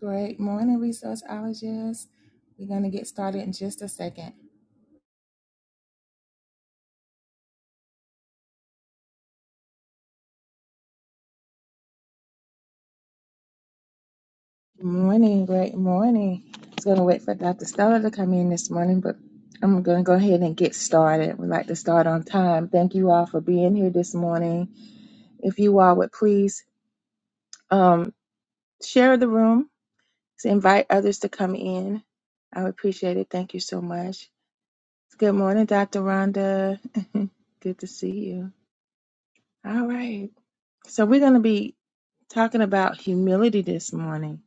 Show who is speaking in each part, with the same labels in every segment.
Speaker 1: Great morning, resourceologists. We're going to get started in just a second. Good morning, great morning. I was going to wait for Dr. Stella to come in this morning, but I'm going to go ahead and get started. We'd like to start on time. Thank you all for being here this morning. If you all would please um, share the room, so invite others to come in. I would appreciate it. Thank you so much. Good morning, Dr. Rhonda. Good to see you. All right. So we're going to be talking about humility this morning.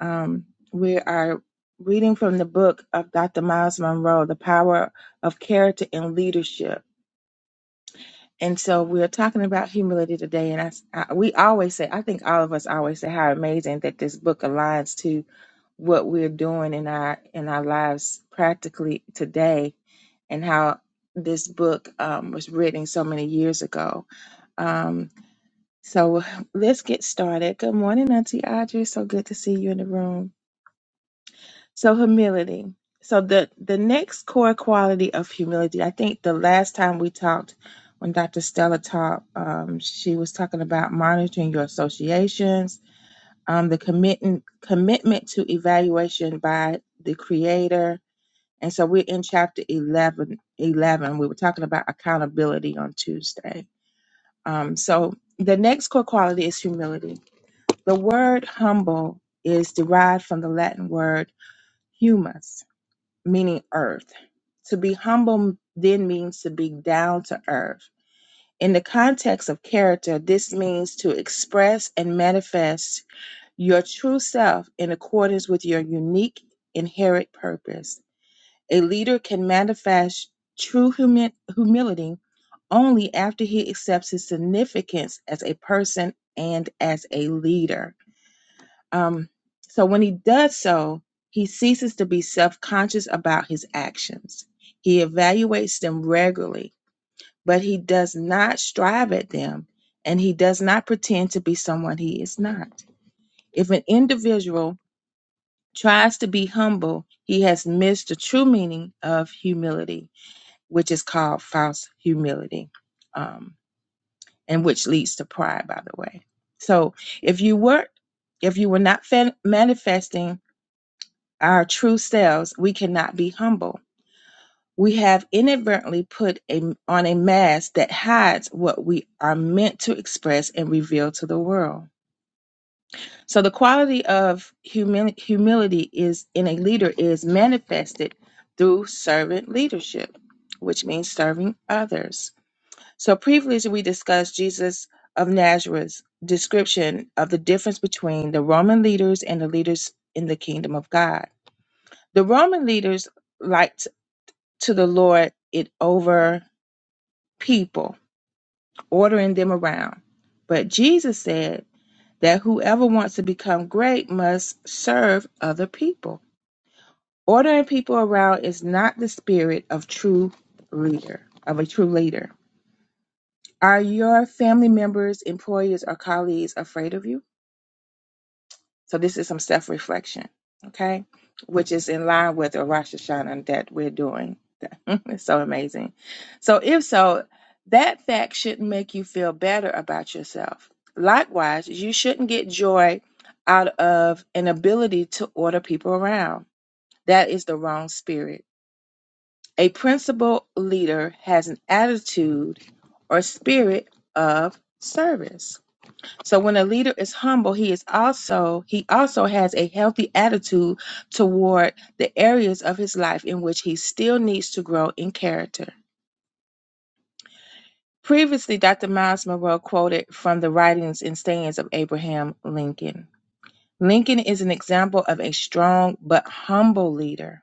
Speaker 1: Um, we are reading from the book of Dr. Miles Monroe, The Power of Character and Leadership. And so we're talking about humility today. And I, s- I- we always say, I think all of us always say how amazing that this book aligns to what we're doing in our in our lives practically today, and how this book um, was written so many years ago. Um, so let's get started. Good morning, Auntie Audrey. So good to see you in the room. So humility. So the the next core quality of humility. I think the last time we talked, when Dr. Stella taught, um, she was talking about monitoring your associations, um, the commitment commitment to evaluation by the Creator. And so we're in chapter 11, 11. We were talking about accountability on Tuesday. Um, so the next core quality is humility the word humble is derived from the Latin word humus, meaning earth. To be humble then means to be down to earth. In the context of character, this means to express and manifest your true self in accordance with your unique inherent purpose. A leader can manifest true humi- humility only after he accepts his significance as a person and as a leader. Um, so when he does so, he ceases to be self conscious about his actions. He evaluates them regularly, but he does not strive at them and he does not pretend to be someone he is not. If an individual tries to be humble, he has missed the true meaning of humility, which is called false humility, um, and which leads to pride, by the way. So if you were if you were not fa- manifesting our true selves, we cannot be humble. We have inadvertently put a, on a mask that hides what we are meant to express and reveal to the world. So the quality of humil- humility is in a leader is manifested through servant leadership, which means serving others. So previously we discussed Jesus of Nazareth's description of the difference between the Roman leaders and the leaders in the kingdom of God. The Roman leaders like to the Lord it over people, ordering them around. But Jesus said that whoever wants to become great must serve other people. Ordering people around is not the spirit of true leader, of a true leader. Are your family members, employers, or colleagues afraid of you? So this is some self-reflection, okay? Which is in line with the Rosh Hashanah that we're doing. it's so amazing. So if so, that fact shouldn't make you feel better about yourself. Likewise, you shouldn't get joy out of an ability to order people around. That is the wrong spirit. A principal leader has an attitude or spirit of service. So when a leader is humble, he is also he also has a healthy attitude toward the areas of his life in which he still needs to grow in character. Previously, Dr. Miles Monroe quoted from the writings and sayings of Abraham Lincoln. Lincoln is an example of a strong but humble leader.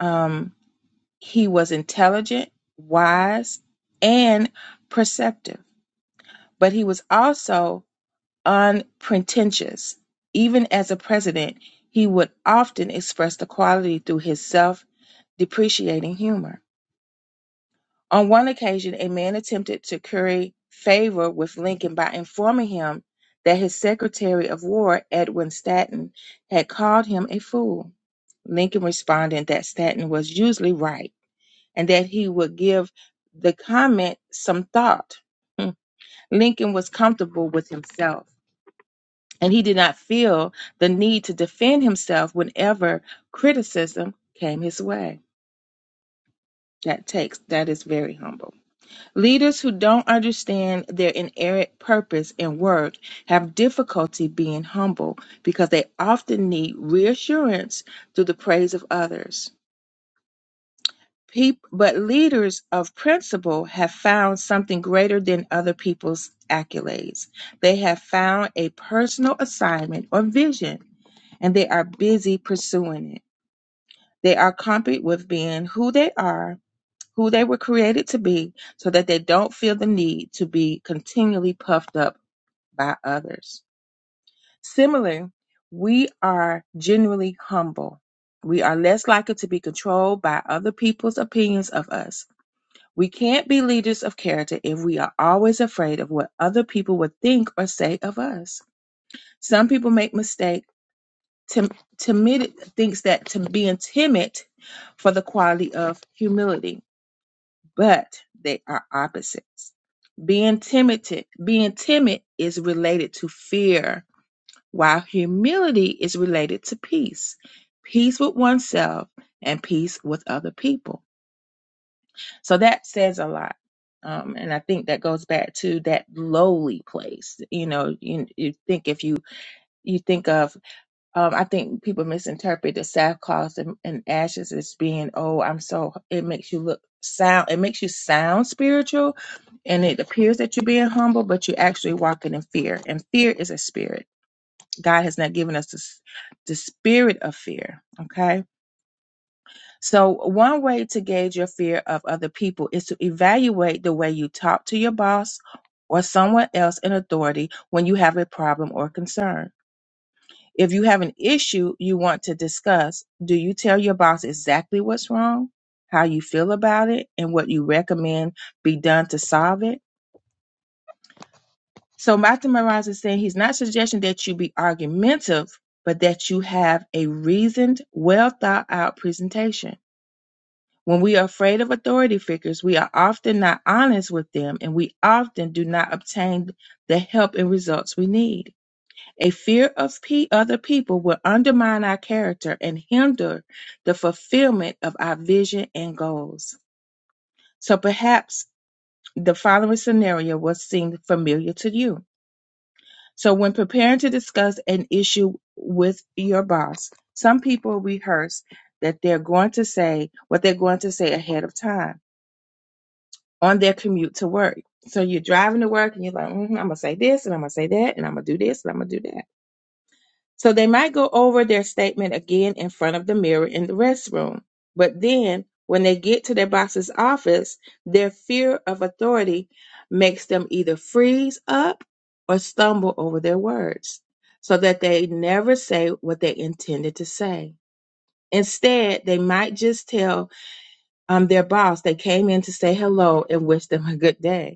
Speaker 1: Um, he was intelligent, wise, and perceptive, but he was also unpretentious. Even as a president, he would often express the quality through his self depreciating humor. On one occasion, a man attempted to curry favor with Lincoln by informing him that his Secretary of War, Edwin Stanton, had called him a fool. Lincoln responded that Stanton was usually right and that he would give the comment some thought. Hmm. Lincoln was comfortable with himself. and he did not feel the need to defend himself whenever criticism came his way. That takes that is very humble. Leaders who don't understand their inerrant purpose and work have difficulty being humble because they often need reassurance through the praise of others. Peop- but leaders of principle have found something greater than other people's accolades. They have found a personal assignment or vision and they are busy pursuing it. They are comforted with being who they are, who they were created to be, so that they don't feel the need to be continually puffed up by others. Similarly, we are genuinely humble. We are less likely to be controlled by other people's opinions of us. We can't be leaders of character if we are always afraid of what other people would think or say of us. Some people make mistakes. Tim- timid thinks that to being timid for the quality of humility, but they are opposites. Being timid, being timid is related to fear, while humility is related to peace, peace with oneself and peace with other people. So that says a lot. Um, and I think that goes back to that lowly place. You know, you, you think if you you think of Um, I think people misinterpret the sackcloth and, and ashes as being, oh, I'm so, it makes you look sound, it makes you sound spiritual and it appears that you're being humble, but you're actually walking in fear. And fear is a spirit. God has not given us the, s- the spirit of fear. Okay. So, one way to gauge your fear of other people is to evaluate the way you talk to your boss or someone else in authority when you have a problem or concern. If you have an issue you want to discuss, do you tell your boss exactly what's wrong, how you feel about it, and what you recommend be done to solve it? So Martin Moraz is saying he's not suggesting that you be argumentative, but that you have a reasoned, well thought out presentation. When we are afraid of authority figures, we are often not honest with them and we often do not obtain the help and results we need. A fear of pe- other people will undermine our character and hinder the fulfillment of our vision and goals. So perhaps the following scenario will seem familiar to you. So, when preparing to discuss an issue with your boss, some people rehearse that they're going to say what they're going to say ahead of time on their commute to work. So, you're driving to work and you're like, "Mhm, I'm going to say this and I'm going to say that and I'm going to do this and I'm going to do that. So they might go over their statement again in front of the mirror in the restroom. But then when they get to their boss's office, their fear of authority makes them either freeze up or stumble over their words so that they never say what they intended to say. Instead, they might just tell um, their boss they came in to say hello and wish them a good day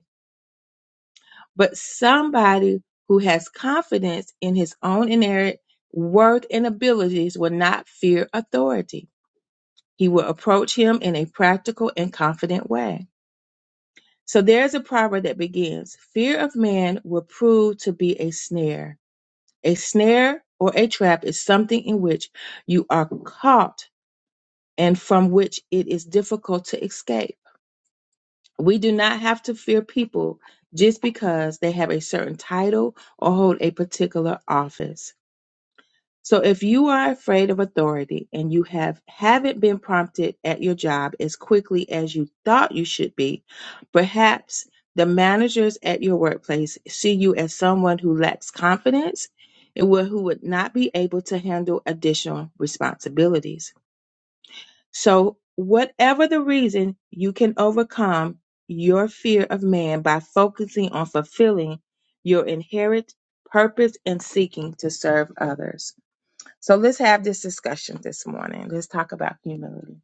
Speaker 1: but somebody who has confidence in his own inherent worth and abilities will not fear authority. He will approach him in a practical and confident way. So there's a proverb that begins Fear of man will prove to be a snare. A snare or a trap is something in which you are caught and from which it is difficult to escape. We do not have to fear people just because they have a certain title or hold a particular office. So if you are afraid of authority and you have haven't been prompted at your job as quickly as you thought you should be, perhaps the managers at your workplace see you as someone who lacks confidence and who who would not be able to handle additional responsibilities. So, whatever the reason, you can overcome your fear of man by focusing on fulfilling your inherent purpose and seeking to serve others. So, let's have this discussion this morning. Let's talk about humility.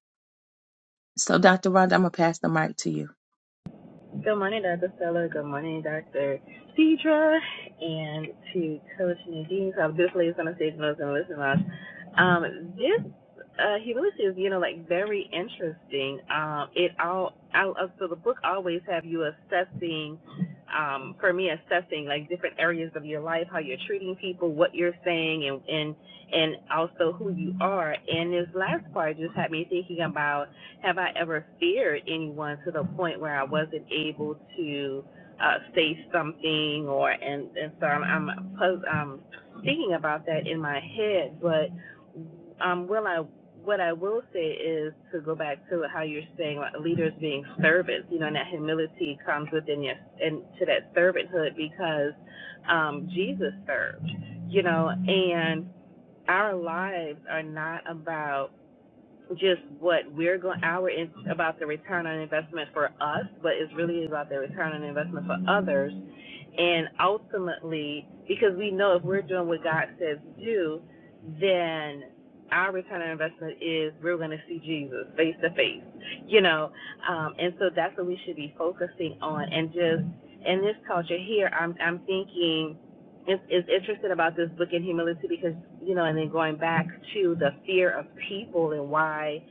Speaker 1: So, Dr. Rhonda, I'm going to pass the mic to you.
Speaker 2: Good morning, Dr. Stella. Good morning, Dr. Deidre. And to Coach Nadine, So, I've on the stage notes and listen us. Um, this uh, humility is, you know, like very interesting. Um, it all, I, uh, so the book always have you assessing, um, for me, assessing like different areas of your life, how you're treating people, what you're saying, and and and also who you are. And this last part just had me thinking about have I ever feared anyone to the point where I wasn't able to uh, say something or and and so I'm I'm, I'm thinking about that in my head, but um, will I what I will say is to go back to how you're saying like, leaders being servants, you know, and that humility comes within your and to that servanthood because um, Jesus served, you know, and our lives are not about just what we're going, our, in about the return on investment for us, but it's really about the return on investment for others. And ultimately, because we know if we're doing what God says to do, then our return on investment is we're going to see Jesus face to face, you know. Um, and so that's what we should be focusing on. And just in this culture here, I'm I'm thinking is, is interested about this book in humility because you know, and then going back to the fear of people and why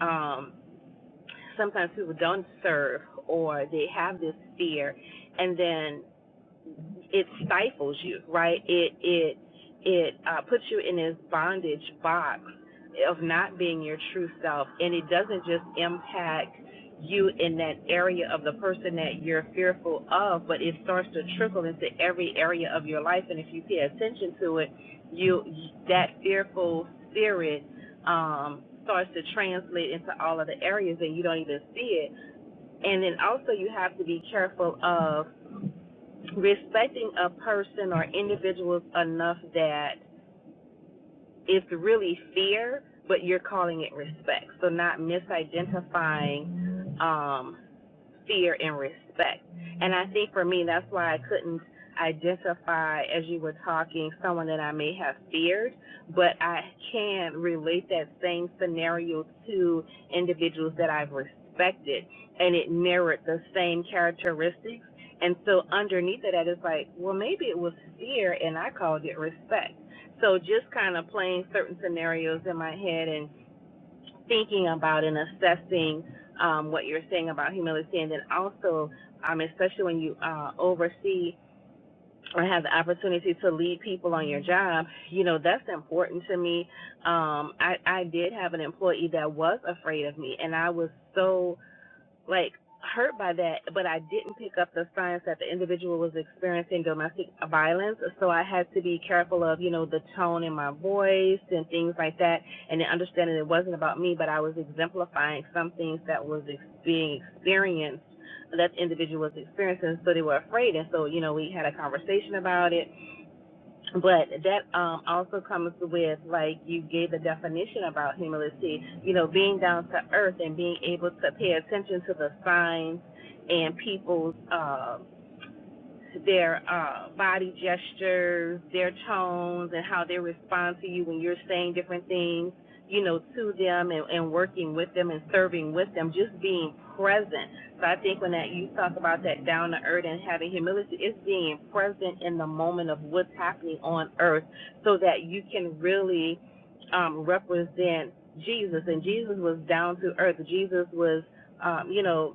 Speaker 2: um, sometimes people don't serve or they have this fear, and then it stifles you, right? It it it uh, puts you in this bondage box of not being your true self, and it doesn't just impact you in that area of the person that you're fearful of, but it starts to trickle into every area of your life, and if you pay attention to it, you that fearful spirit um, starts to translate into all of the areas, and you don't even see it. And then also you have to be careful of respecting a person or individuals enough that it's really fear, but you're calling it respect. So not misidentifying um, fear and respect. And I think for me, that's why I couldn't identify as you were talking someone that I may have feared, but I can relate that same scenario to individuals that I've respected, and it mirrored the same characteristics. And so underneath of that is like, well, maybe it was fear, and I called it respect. So just kind of playing certain scenarios in my head and thinking about and assessing um, what you're saying about humility, and then also, um, especially when you uh, oversee or have the opportunity to lead people on your job, you know that's important to me. Um, I, I did have an employee that was afraid of me, and I was so like hurt by that, but I didn't pick up the signs that the individual was experiencing domestic violence. So I had to be careful of, you know, the tone in my voice and things like that, and then understanding it wasn't about me, but I was exemplifying some things that was ex- being experienced that the individual was experiencing. So they were afraid, and so you know, we had a conversation about it but that um, also comes with, like you gave the definition about humility, you know, being down to earth and being able to pay attention to the signs and people's uh, their uh, body gestures, their tones, and how they respond to you when you're saying different things, you know, to them and, and working with them and serving with them, just being present. So I think when that you talk about that down to earth and having humility, it's being present in the moment of what's happening on earth, so that you can really um, represent Jesus. And Jesus was down to earth. Jesus was, um, you know,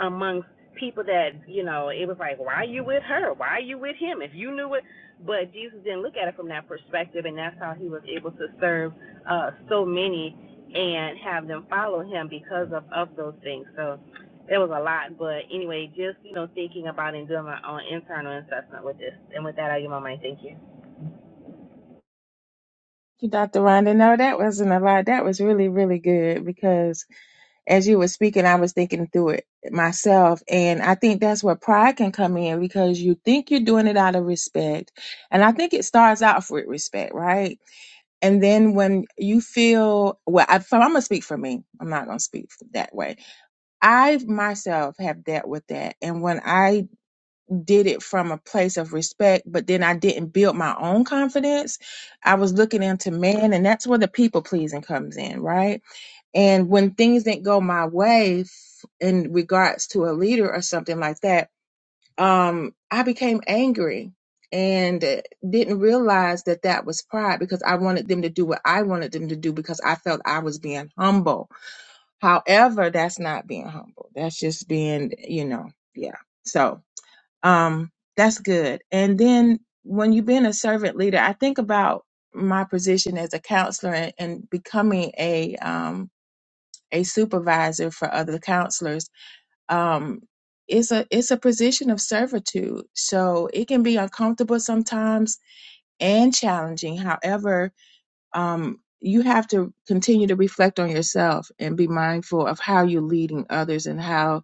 Speaker 2: amongst people that you know it was like why are you with her why are you with him if you knew it but jesus didn't look at it from that perspective and that's how he was able to serve uh so many and have them follow him because of of those things so it was a lot but anyway just you know thinking about and doing my own internal assessment with this and with that i give my mind thank you
Speaker 1: Thank you, Dr. Rhonda. No, that wasn't a lot. That was really, really good because as you were speaking, I was thinking through it myself. And I think that's where pride can come in because you think you're doing it out of respect. And I think it starts out with respect, right? And then when you feel, well, I, so I'm going to speak for me. I'm not going to speak that way. I myself have dealt with that. And when I did it from a place of respect, but then I didn't build my own confidence, I was looking into man. And that's where the people pleasing comes in, right? And when things didn't go my way f- in regards to a leader or something like that, um, I became angry and uh, didn't realize that that was pride because I wanted them to do what I wanted them to do because I felt I was being humble. However, that's not being humble. That's just being, you know, yeah. So, um, that's good. And then when you've been a servant leader, I think about my position as a counselor and, and becoming a, um, a supervisor for other counselors um, it's a it's a position of servitude so it can be uncomfortable sometimes and challenging however um, you have to continue to reflect on yourself and be mindful of how you're leading others and how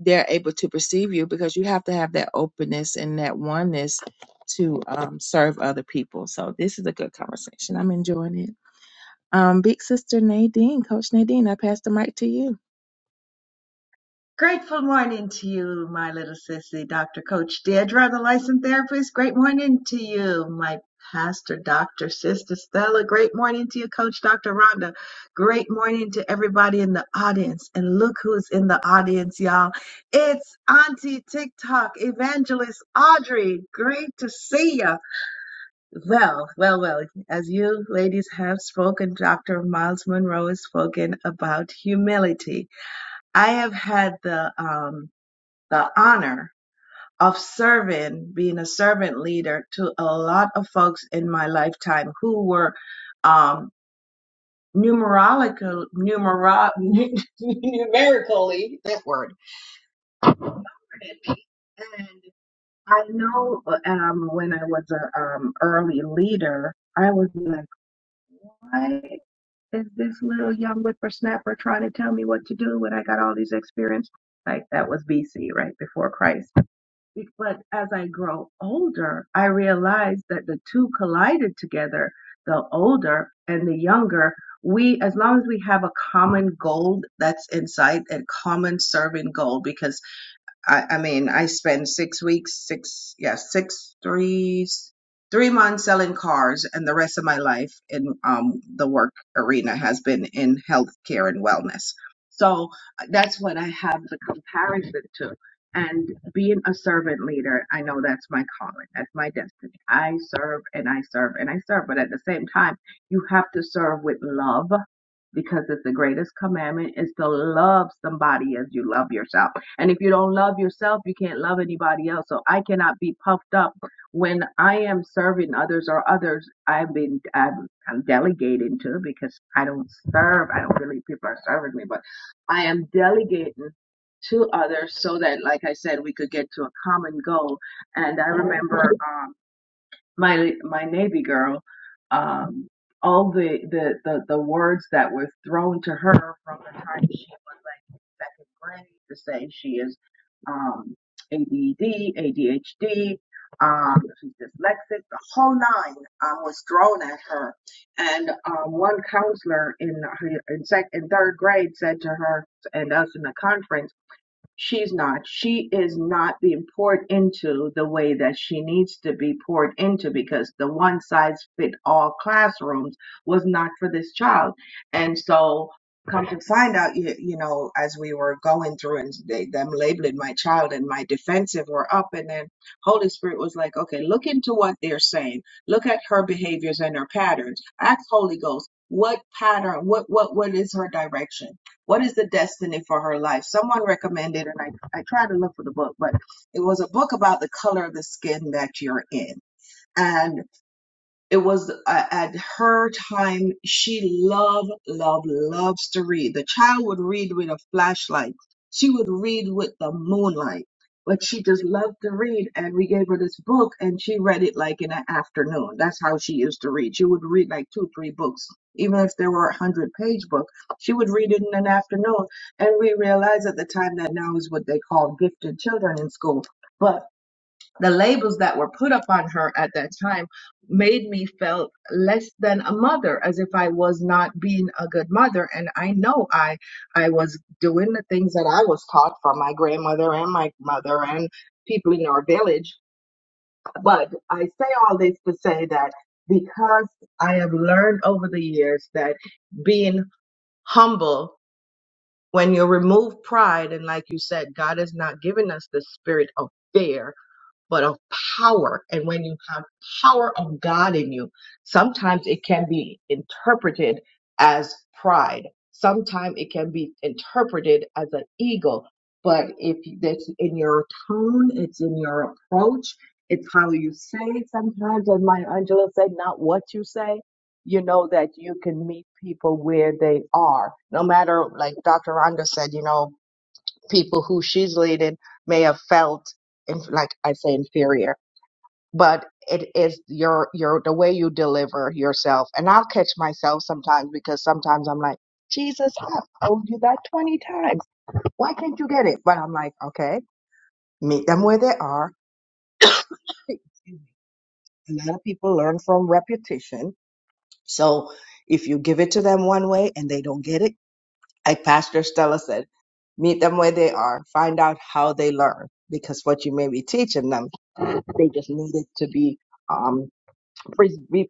Speaker 1: they're able to perceive you because you have to have that openness and that oneness to um, serve other people so this is a good conversation i'm enjoying it um, Big Sister Nadine, Coach Nadine, I pass the mic to you.
Speaker 3: Grateful morning to you, my little sissy, Dr. Coach Deidre, the licensed therapist. Great morning to you, my pastor, Dr. Sister Stella. Great morning to you, Coach Dr. Rhonda. Great morning to everybody in the audience. And look who's in the audience, y'all. It's Auntie TikTok evangelist Audrey. Great to see ya. Well, well, well, as you ladies have spoken, Dr. Miles Monroe has spoken about humility. I have had the, um, the honor of serving, being a servant leader to a lot of folks in my lifetime who were um, numerological, numero, numerically, that word. And I know um, when I was a um, early leader, I was like, why is this little young whippersnapper trying to tell me what to do when I got all this experience? Like that was BC, right before Christ Be- But as I grow older, I realize that the two collided together, the older and the younger. We, as long as we have a common goal that's inside, a common serving goal, because. I, I mean, I spent six weeks, six, yeah, six, three, three months selling cars, and the rest of my life in um, the work arena has been in healthcare and wellness. So uh, that's what I have the comparison to. And being a servant leader, I know that's my calling, that's my destiny. I serve and I serve and I serve, but at the same time, you have to serve with love because it's the greatest commandment is to love somebody as you love yourself. And if you don't love yourself, you can't love anybody else. So I cannot be puffed up when I am serving others or others I've been I'm, I'm delegating to because I don't serve. I don't believe people are serving me, but I am delegating to others so that like I said we could get to a common goal. And I remember um, my my navy girl um all the, the the the words that were thrown to her from the time she was like in second grade to say she is um ADD, ADHD, um she's dyslexic, the whole nine um, was thrown at her. And um one counselor in her in sec in third grade said to her and us in the conference She's not. She is not being poured into the way that she needs to be poured into because the one size fit all classrooms was not for this child. And so, come to find out, you, you know, as we were going through and they, them labeling my child and my defensive were up, and then Holy Spirit was like, okay, look into what they're saying. Look at her behaviors and her patterns. Ask Holy Ghost, what pattern, what, what, what is her direction? What is the destiny for her life? Someone recommended, and I, I tried to look for the book, but it was a book about the color of the skin that you're in. and it was uh, at her time she loved loved loves to read the child would read with a flashlight she would read with the moonlight but she just loved to read and we gave her this book and she read it like in an afternoon that's how she used to read she would read like two three books even if there were a hundred page book she would read it in an afternoon and we realized at the time that now is what they call gifted children in school but the labels that were put upon her at that time made me felt less than a mother as if i was not being a good mother and i know i i was doing the things that i was taught from my grandmother and my mother and people in our village but i say all this to say that because i have learned over the years that being humble when you remove pride and like you said god has not given us the spirit of fear but of power. And when you have power of God in you, sometimes it can be interpreted as pride. Sometimes it can be interpreted as an ego. But if it's in your tone, it's in your approach, it's how you say it sometimes, as my Angela said, not what you say. You know that you can meet people where they are. No matter, like Dr. Rhonda said, you know, people who she's leading may have felt in, like i say inferior but it is your your the way you deliver yourself and i'll catch myself sometimes because sometimes i'm like jesus i have told you that 20 times why can't you get it but i'm like okay meet them where they are a lot of people learn from repetition so if you give it to them one way and they don't get it like Pastor Stella said, meet them where they are, find out how they learn, because what you may be teaching them, they just need it to be um, pres be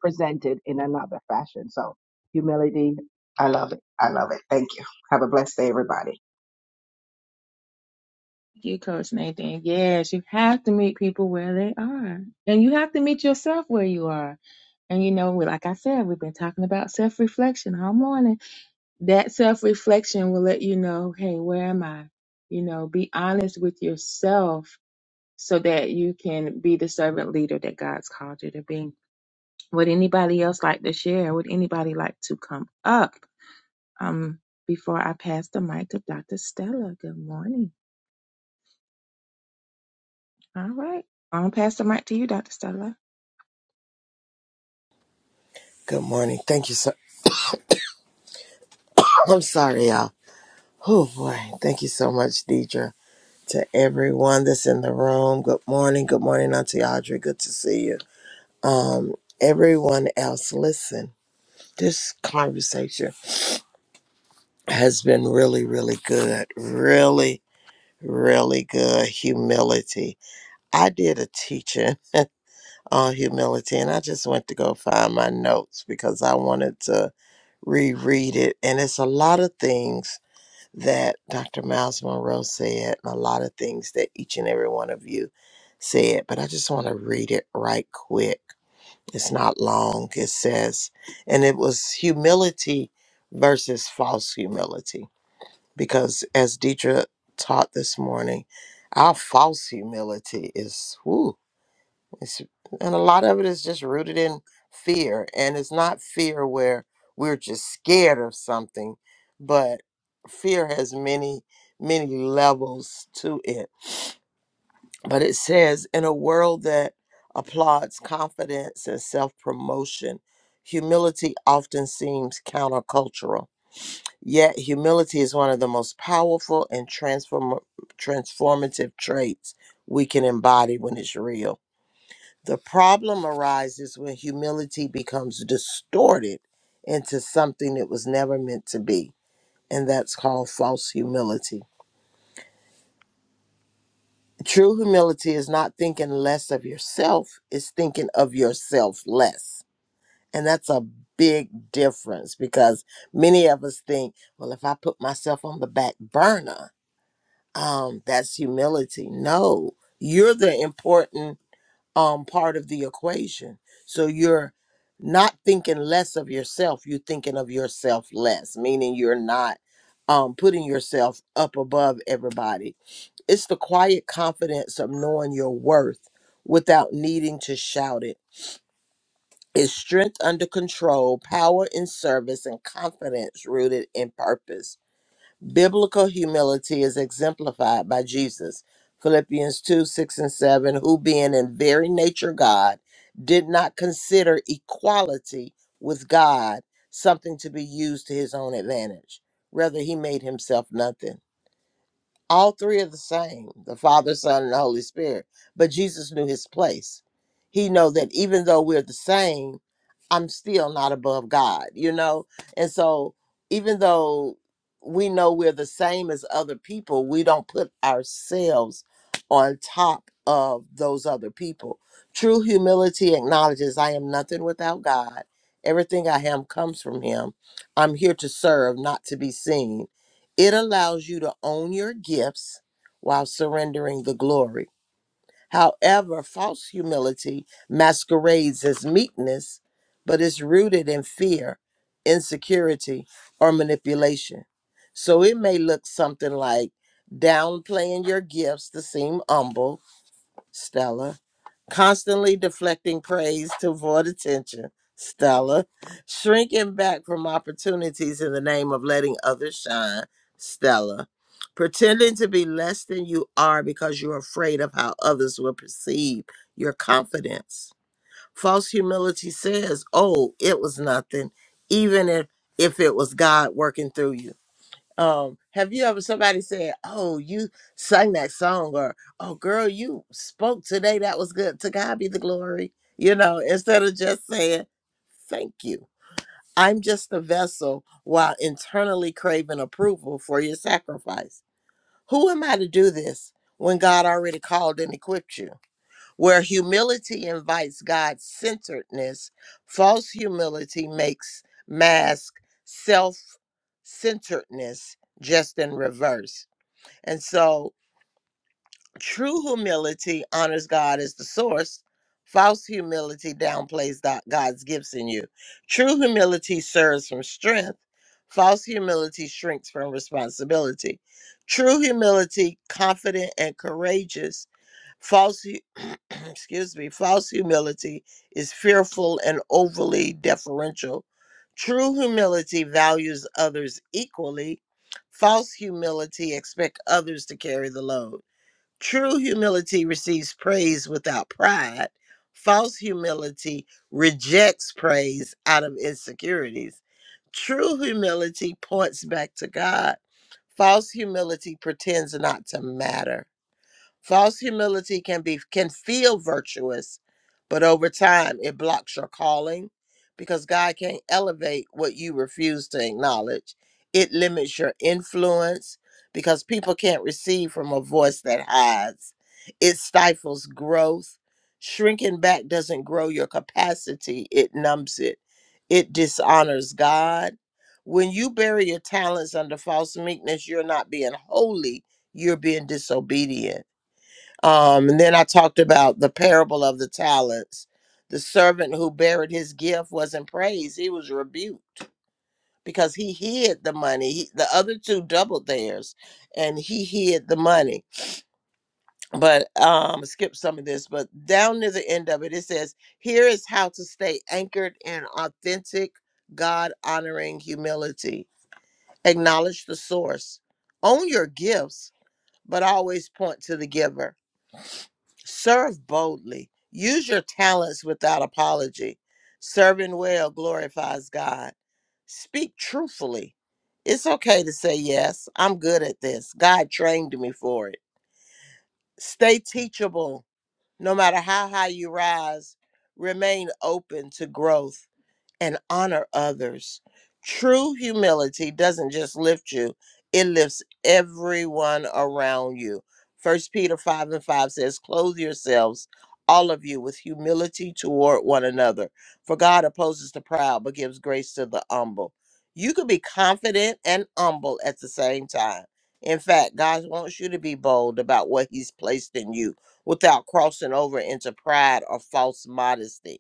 Speaker 3: in another fashion. So humility, I love it. I love it. Thank you. Have a blessed day, everybody.
Speaker 1: Thank you, Coach Nathan. Yes, you have to meet people where they are. And you have to meet yourself where you are. And you know, we- like I said, we've been talking about self reflection all morning. That self reflection will let you know, hey, where am I? You know, be honest with yourself so that you can be the servant leader that God's called you to be. Would anybody else like to share? Would anybody like to come up um, before I pass the mic to Dr. Stella? Good morning. All right. I'll pass the mic to you, Dr. Stella.
Speaker 4: Good morning. Thank you so I'm sorry, y'all. Oh boy. Thank you so much, Deidre. To everyone that's in the room. Good morning. Good morning, Auntie Audrey. Good to see you. Um, everyone else, listen. This conversation has been really, really good. Really, really good. Humility. I did a teaching on humility and I just went to go find my notes because I wanted to reread it. And it's a lot of things that Dr. Miles Monroe said, and a lot of things that each and every one of you said, but I just want to read it right quick. It's not long. It says, and it was humility versus false humility, because as Deidre taught this morning, our false humility is, whoo. It's, and a lot of it is just rooted in fear. And it's not fear where we're just scared of something, but fear has many, many levels to it. But it says, in a world that applauds confidence and self promotion, humility often seems countercultural. Yet, humility is one of the most powerful and transform- transformative traits we can embody when it's real. The problem arises when humility becomes distorted into something it was never meant to be, and that's called false humility. True humility is not thinking less of yourself, it's thinking of yourself less. And that's a big difference because many of us think, well, if I put myself on the back burner, um, that's humility. No, you're the important um part of the equation. So you're not thinking less of yourself, you're thinking of yourself less, meaning you're not um putting yourself up above everybody. It's the quiet confidence of knowing your worth without needing to shout it. It's strength under control, power in service, and confidence rooted in purpose. Biblical humility is exemplified by Jesus. Philippians 2 6 and 7, who being in very nature God, did not consider equality with God something to be used to his own advantage. Rather, he made himself nothing all three are the same the Father, Son, and the Holy Spirit. But Jesus knew his place. He know that even though we're the same, I'm still not above God, you know? And so even though we know we're the same as other people, we don't put ourselves on top of those other people. True humility acknowledges I am nothing without God. Everything I am comes from Him. I'm here to serve, not to be seen. It allows you to own your gifts while surrendering the glory. However, false humility masquerades as meekness, but is rooted in fear, insecurity, or manipulation. So it may look something like downplaying your gifts to seem humble Stella. Constantly deflecting praise to avoid attention. Stella. Shrinking back from opportunities in the name of letting others shine. Stella. Pretending to be less than you are because you're afraid of how others will perceive your confidence. False humility says, Oh, it was nothing, even if, if it was God working through you. Um, have you ever somebody said, "Oh, you sang that song," or "Oh, girl, you spoke today. That was good. To God be the glory." You know, instead of just saying "Thank you," I'm just a vessel while internally craving approval for your sacrifice. Who am I to do this when God already called and equipped you? Where humility invites God centeredness, false humility makes mask self centeredness just in reverse. And so true humility honors God as the source, false humility downplays tho- God's gifts in you. True humility serves from strength, false humility shrinks from responsibility. True humility, confident and courageous, False, hu- excuse me, false humility is fearful and overly deferential. True humility values others equally. False humility expects others to carry the load. True humility receives praise without pride. False humility rejects praise out of insecurities. True humility points back to God. False humility pretends not to matter False humility can be can feel virtuous, but over time it blocks your calling because God can't elevate what you refuse to acknowledge. It limits your influence because people can't receive from a voice that hides. It stifles growth. Shrinking back doesn't grow your capacity, it numbs it. It dishonors God. When you bury your talents under false meekness, you're not being holy, you're being disobedient um, and then I talked about the parable of the talents. The servant who buried his gift wasn't praised, he was rebuked because he hid the money. He, the other two doubled theirs and he hid the money. But um skip some of this, but down near the end of it, it says, Here is how to stay anchored in authentic, God honoring humility. Acknowledge the source, own your gifts, but always point to the giver Serve boldly. Use your talents without apology. Serving well glorifies God. Speak truthfully. It's okay to say, Yes, I'm good at this. God trained me for it. Stay teachable. No matter how high you rise, remain open to growth and honor others. True humility doesn't just lift you, it lifts everyone around you. First Peter 5 and 5 says, Clothe yourselves, all of you, with humility toward one another. For God opposes the proud, but gives grace to the humble. You could be confident and humble at the same time. In fact, God wants you to be bold about what He's placed in you without crossing over into pride or false modesty.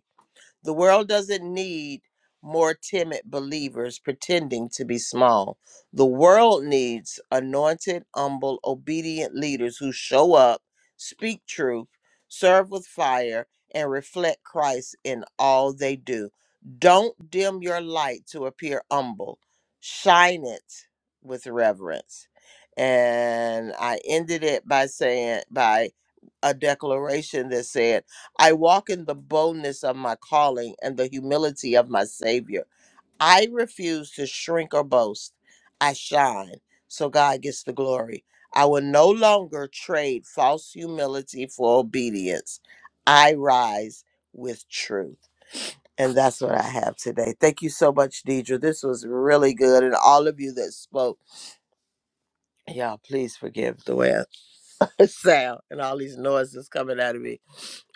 Speaker 4: The world doesn't need more timid believers pretending to be small. The world needs anointed, humble, obedient leaders who show up, speak truth, serve with fire, and reflect Christ in all they do. Don't dim your light to appear humble, shine it with reverence. And I ended it by saying, by a declaration that said, I walk in the boldness of my calling and the humility of my Savior. I refuse to shrink or boast. I shine so God gets the glory. I will no longer trade false humility for obedience. I rise with truth. And that's what I have today. Thank you so much, Deidre. This was really good. And all of you that spoke, y'all, please forgive the way I sound and all these noises coming out of me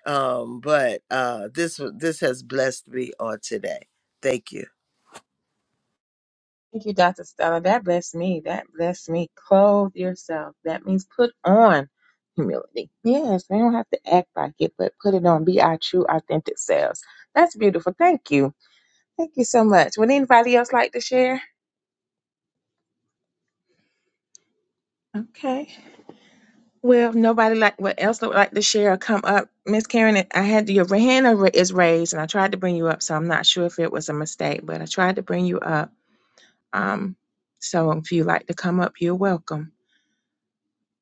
Speaker 4: um, but uh, this wa- this has blessed me on today. Thank you,
Speaker 1: Thank you, Dr. Stella. That blessed me. That blessed me. Clothe yourself. That means put on humility. Yes, we don't have to act like it, but put it on. Be our true, authentic selves. That's beautiful. Thank you. Thank you so much. Would anybody else like to share? Okay. Well, if nobody like what else would like to share or come up. Miss Karen, I had your hand over- is raised, and I tried to bring you up, so I'm not sure if it was a mistake, but I tried to bring you up. Um, so if you like to come up, you're welcome.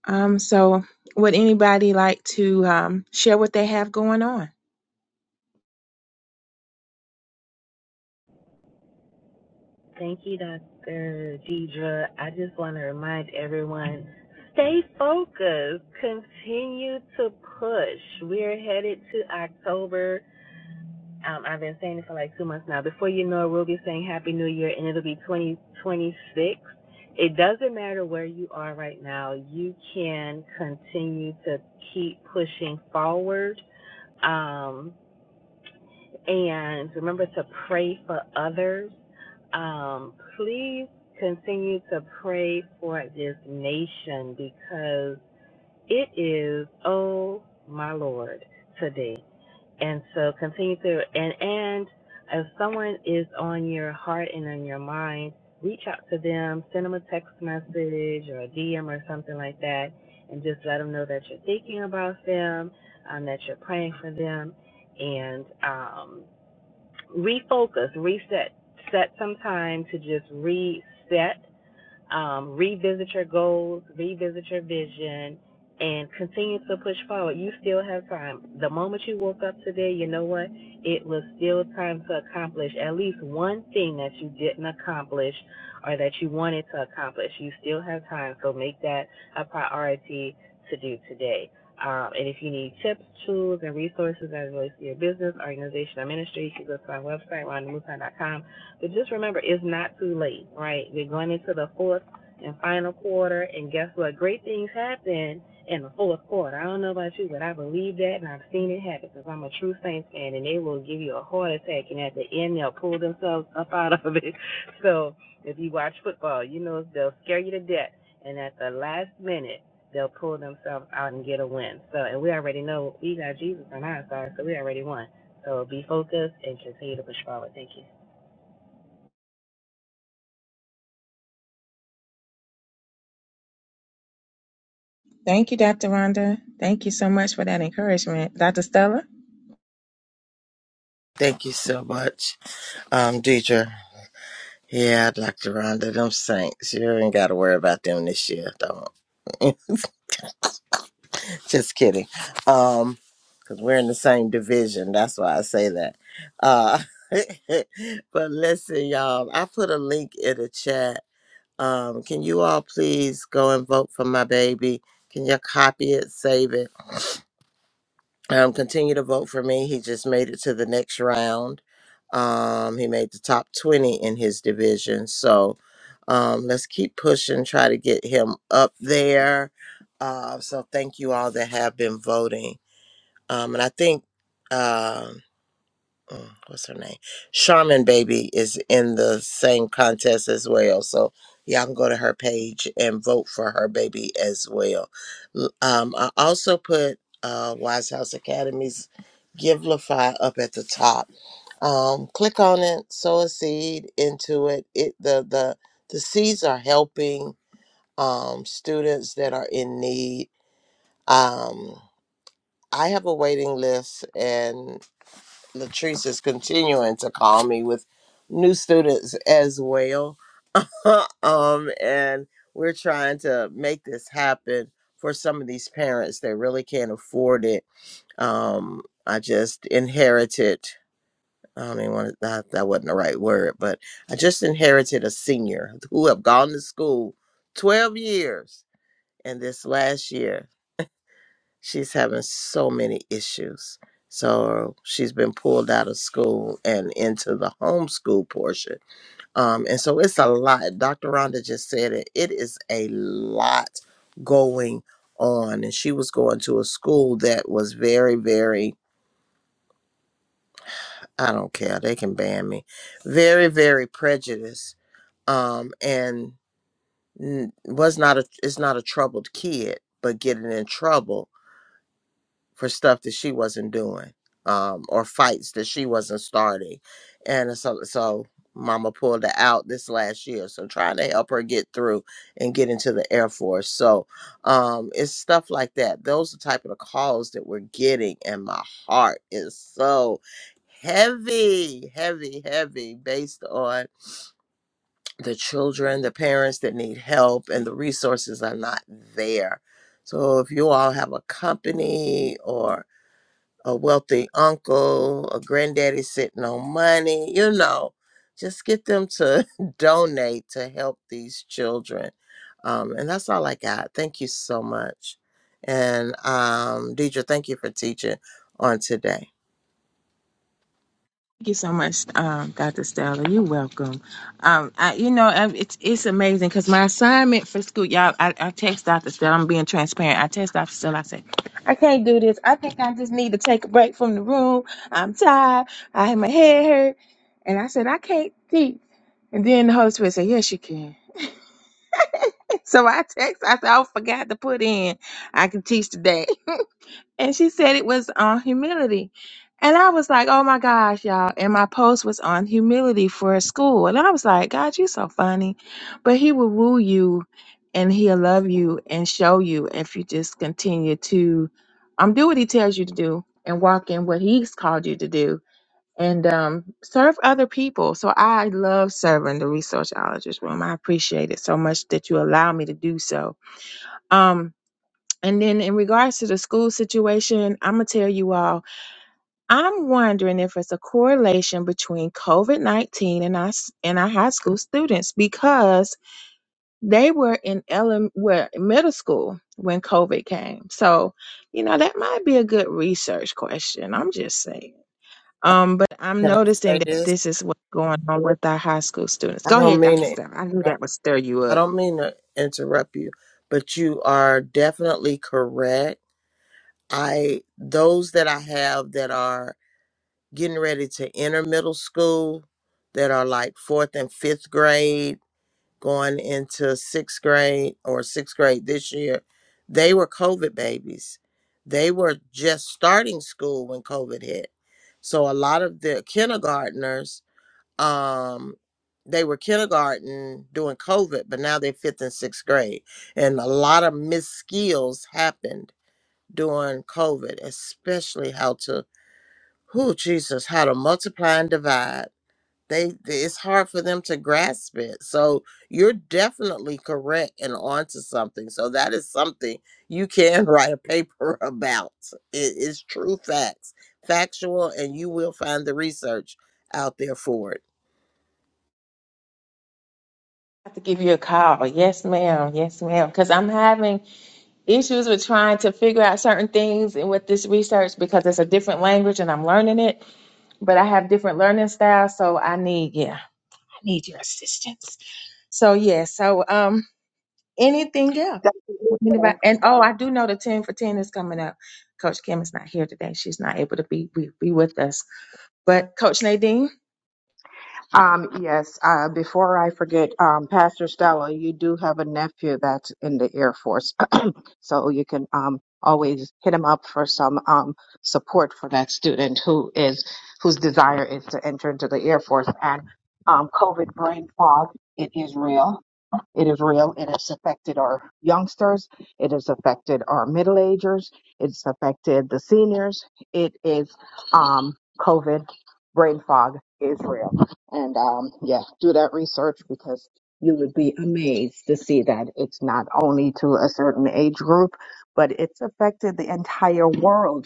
Speaker 1: Um, so, would anybody like to um, share what they have going on?
Speaker 2: Thank you, Dr. Deidre. I just want to remind everyone stay focused, continue to push. We're headed to October. Um, I've been saying it for like two months now. Before you know it, we'll be saying Happy New Year and it'll be 2026. It doesn't matter where you are right now, you can continue to keep pushing forward. Um, and remember to pray for others. Um, please continue to pray for this nation because it is, oh my Lord, today. And so continue to, and, and if someone is on your heart and on your mind, reach out to them, send them a text message or a DM or something like that, and just let them know that you're thinking about them, um, that you're praying for them, and, um, refocus, reset, set some time to just reset um, revisit your goals, revisit your vision, and continue to push forward. You still have time. The moment you woke up today, you know what? It was still time to accomplish at least one thing that you didn't accomplish or that you wanted to accomplish. You still have time, so make that a priority to do today. Um, and if you need tips, tools, and resources as it relates to your business, organization, or ministry, you can go to my website, rondamusan.com but just remember, it's not too late, right? We're going into the fourth and final quarter, and guess what? Great things happen in the fourth quarter. I don't know about you, but I believe that, and I've seen it happen because I'm a true Saints fan, and they will give you a heart attack, and at the end, they'll pull themselves up out of it. So if you watch football, you know they'll scare you to death, and at the last minute, they'll pull themselves out and get a win. So, and we already know we got Jesus on our side, so we already won. So be focused and continue to push forward. Thank you.
Speaker 1: Thank you, Dr. Rhonda. Thank you so much for that encouragement. Dr. Stella?
Speaker 4: thank you so much, um, Deidre. Yeah, Dr. Rhonda, them saints. You ain't got to worry about them this year. Don't. Just kidding. Um, because we're in the same division. That's why I say that. Uh, but listen, y'all. I put a link in the chat. Um, can you all please go and vote for my baby? Can you copy it, save it? um, continue to vote for me. He just made it to the next round. Um, he made the top 20 in his division. So um, let's keep pushing, try to get him up there. Uh, so thank you all that have been voting. Um, and I think. Um, uh, what's her name? Charmin Baby is in the same contest as well. So y'all can go to her page and vote for her baby as well. L- Um, I also put uh, Wise House Academy's Givelify up at the top. Um, click on it, sow a seed into it. It the the the seeds are helping um, students that are in need. Um, I have a waiting list, Latrice is continuing to call me with new students as well. um, and we're trying to make this happen for some of these parents that really can't afford it. Um, I just inherited. I mean, one, that that wasn't the right word, but I just inherited a senior who have gone to school twelve years, and this last year She's having so many issues. So she's been pulled out of school and into the homeschool portion. Um, and so it's a lot. Dr. Rhonda just said it. It is a lot going on. And she was going to a school that was very, very, I don't care, they can ban me, very, very prejudiced. Um, and n- was not a, is not a troubled kid, but getting in trouble for stuff that she wasn't doing um, or fights that she wasn't starting. And so, so mama pulled her out this last year. So trying to help her get through and get into the Air Force. So um, it's stuff like that. Those are type of the calls that we're getting. And my heart is so heavy, heavy, heavy based on the children, the parents that need help and the resources are not there. So if you all have a company or a wealthy uncle, a granddaddy sitting on money, you know, just get them to donate to help these children. Um, and that's all I got. Thank you so much. And um, Deidre, thank you for teaching on today.
Speaker 1: Thank you so much, um, Dr. Stella. You're welcome. Um, I, you know, um, it's it's amazing because my assignment for school, y'all. I, I text Dr. Stella. I'm being transparent. I text Dr. Stella. I said, I can't do this. I think I just need to take a break from the room. I'm tired. I have my head hurt, and I said I can't teach. And then the Holy Spirit said, Yes, you can. So I text. I said, I forgot to put in. I can teach today and she said it was on humility. And I was like, oh my gosh, y'all. And my post was on humility for school. And I was like, God, you so funny. But he will woo you and he'll love you and show you if you just continue to um do what he tells you to do and walk in what he's called you to do and um serve other people. So I love serving the resourceologist room. I appreciate it so much that you allow me to do so. Um and then in regards to the school situation, I'm gonna tell you all, I'm wondering if it's a correlation between COVID-19 and us and our high school students because they were in ele- were in middle school when COVID came. So, you know, that might be a good research question. I'm just saying.
Speaker 4: Uh,
Speaker 1: Um, but I'm
Speaker 4: Can I
Speaker 1: noticing
Speaker 4: say
Speaker 1: that
Speaker 4: this?
Speaker 1: this is what's going on with our high school students.
Speaker 4: I
Speaker 1: Go
Speaker 4: don't
Speaker 1: ahead,
Speaker 4: mean to
Speaker 1: Dr. Stella. I knew
Speaker 4: interrupt,
Speaker 1: that would stir you
Speaker 4: I
Speaker 1: up.
Speaker 4: don't mean to interrupt you, but you are definitely correct. I those that I have that are getting ready to enter middle school that are like fourth and fifth grade going into sixth grade or sixth grade this year they were covid babies they were just starting school when covid hit so a lot of the kindergartners um they were kindergarten during covid but now they're fifth and sixth grade and a lot of missed skills happened during covid especially how to who Jesus, how to multiply and divide. They it's hard for them to grasp it. So you're definitely correct and onto something. So that is something you can write a paper about. It is true facts, factual, and you will find the research out there for it.
Speaker 1: I have to give you a call. Yes, ma'am. Yes, ma'am. Because I'm having issues with trying to figure out certain things and with this research because it's a different language and I'm learning it, but I have different learning styles, so I need yeah, I need your assistance. So yeah, so um anything else?
Speaker 3: Dr. Lisa.
Speaker 1: Anybody and oh I do know the ten for ten is coming up. Coach Kim is not here today. She's not able to be be, be with us. But Coach Nadine,
Speaker 3: Um, yes, uh, before I forget, um, Pastor Stella, you do have a nephew that's in the Air Force. so you can um, always hit him up for some um, support for that student who is whose desire is to enter into the Air Force and um, COVID brain fog. It is real. It is real and it's affected our youngsters. It has affected our middle agers. It's affected the seniors. It is um, COVID, brain fog is real. And um, yeah, do that research because you would be amazed to see that it's not only to a certain age group, but it's affected the entire world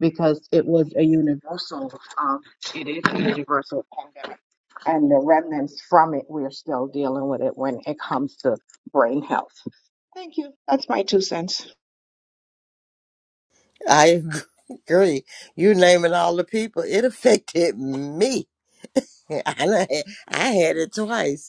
Speaker 3: because it was a universal, um, it is a universal pandemic. And the remnants from it, we're still dealing with it when it comes to brain health. Thank you. That's my two cents.
Speaker 4: I agree. You naming all the people, it affected me. I done had I had it twice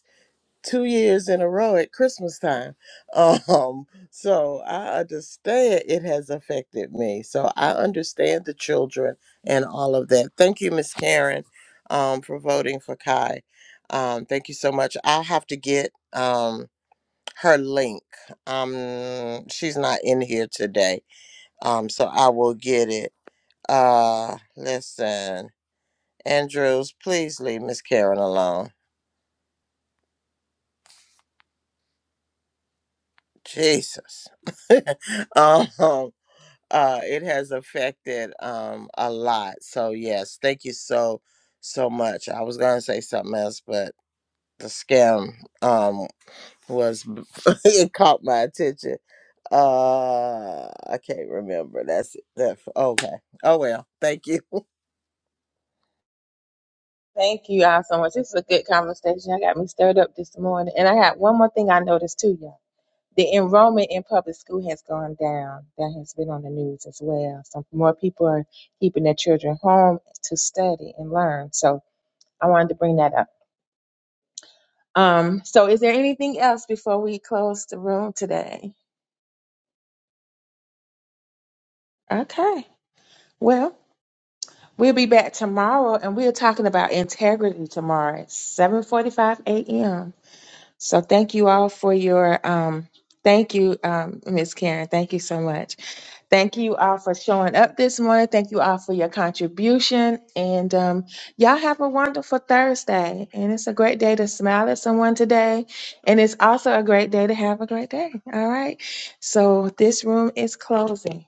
Speaker 4: two years in a row at Christmas time. Um, so I understand it has affected me. So I understand the children and all of that. Thank you, Miss Karen, um, for voting for Kai. Um, thank you so much. I have to get um her link. Um she's not in here today. Um, so I will get it. Uh listen, Andrews, please leave Miss Karen alone. Jesus. um uh it has affected um a lot so yes thank you so so much i was gonna say something else but the scam um was it caught my attention uh i can't remember that's it that, okay oh well thank you
Speaker 1: thank you all so much. This is a good conversation. I got me stirred up this morning. And I got one more thing I noticed too, y'all the enrollment in public school has gone down. That has been on the news as well. So more people are keeping their children home to study and learn. So I wanted to bring that up. Um, so is there anything else before we close the room today? Okay. Well, we'll be back tomorrow and we're talking about integrity tomorrow at 7:45 a.m. So thank you all for your um thank you um Miss Karen. Thank you so much. Thank you all for showing up this morning. Thank you all for your contribution. And um, y'all have a wonderful Thursday. And it's a great day to smile at someone today. And it's also a great day to have a great day. All right. So this room is closing.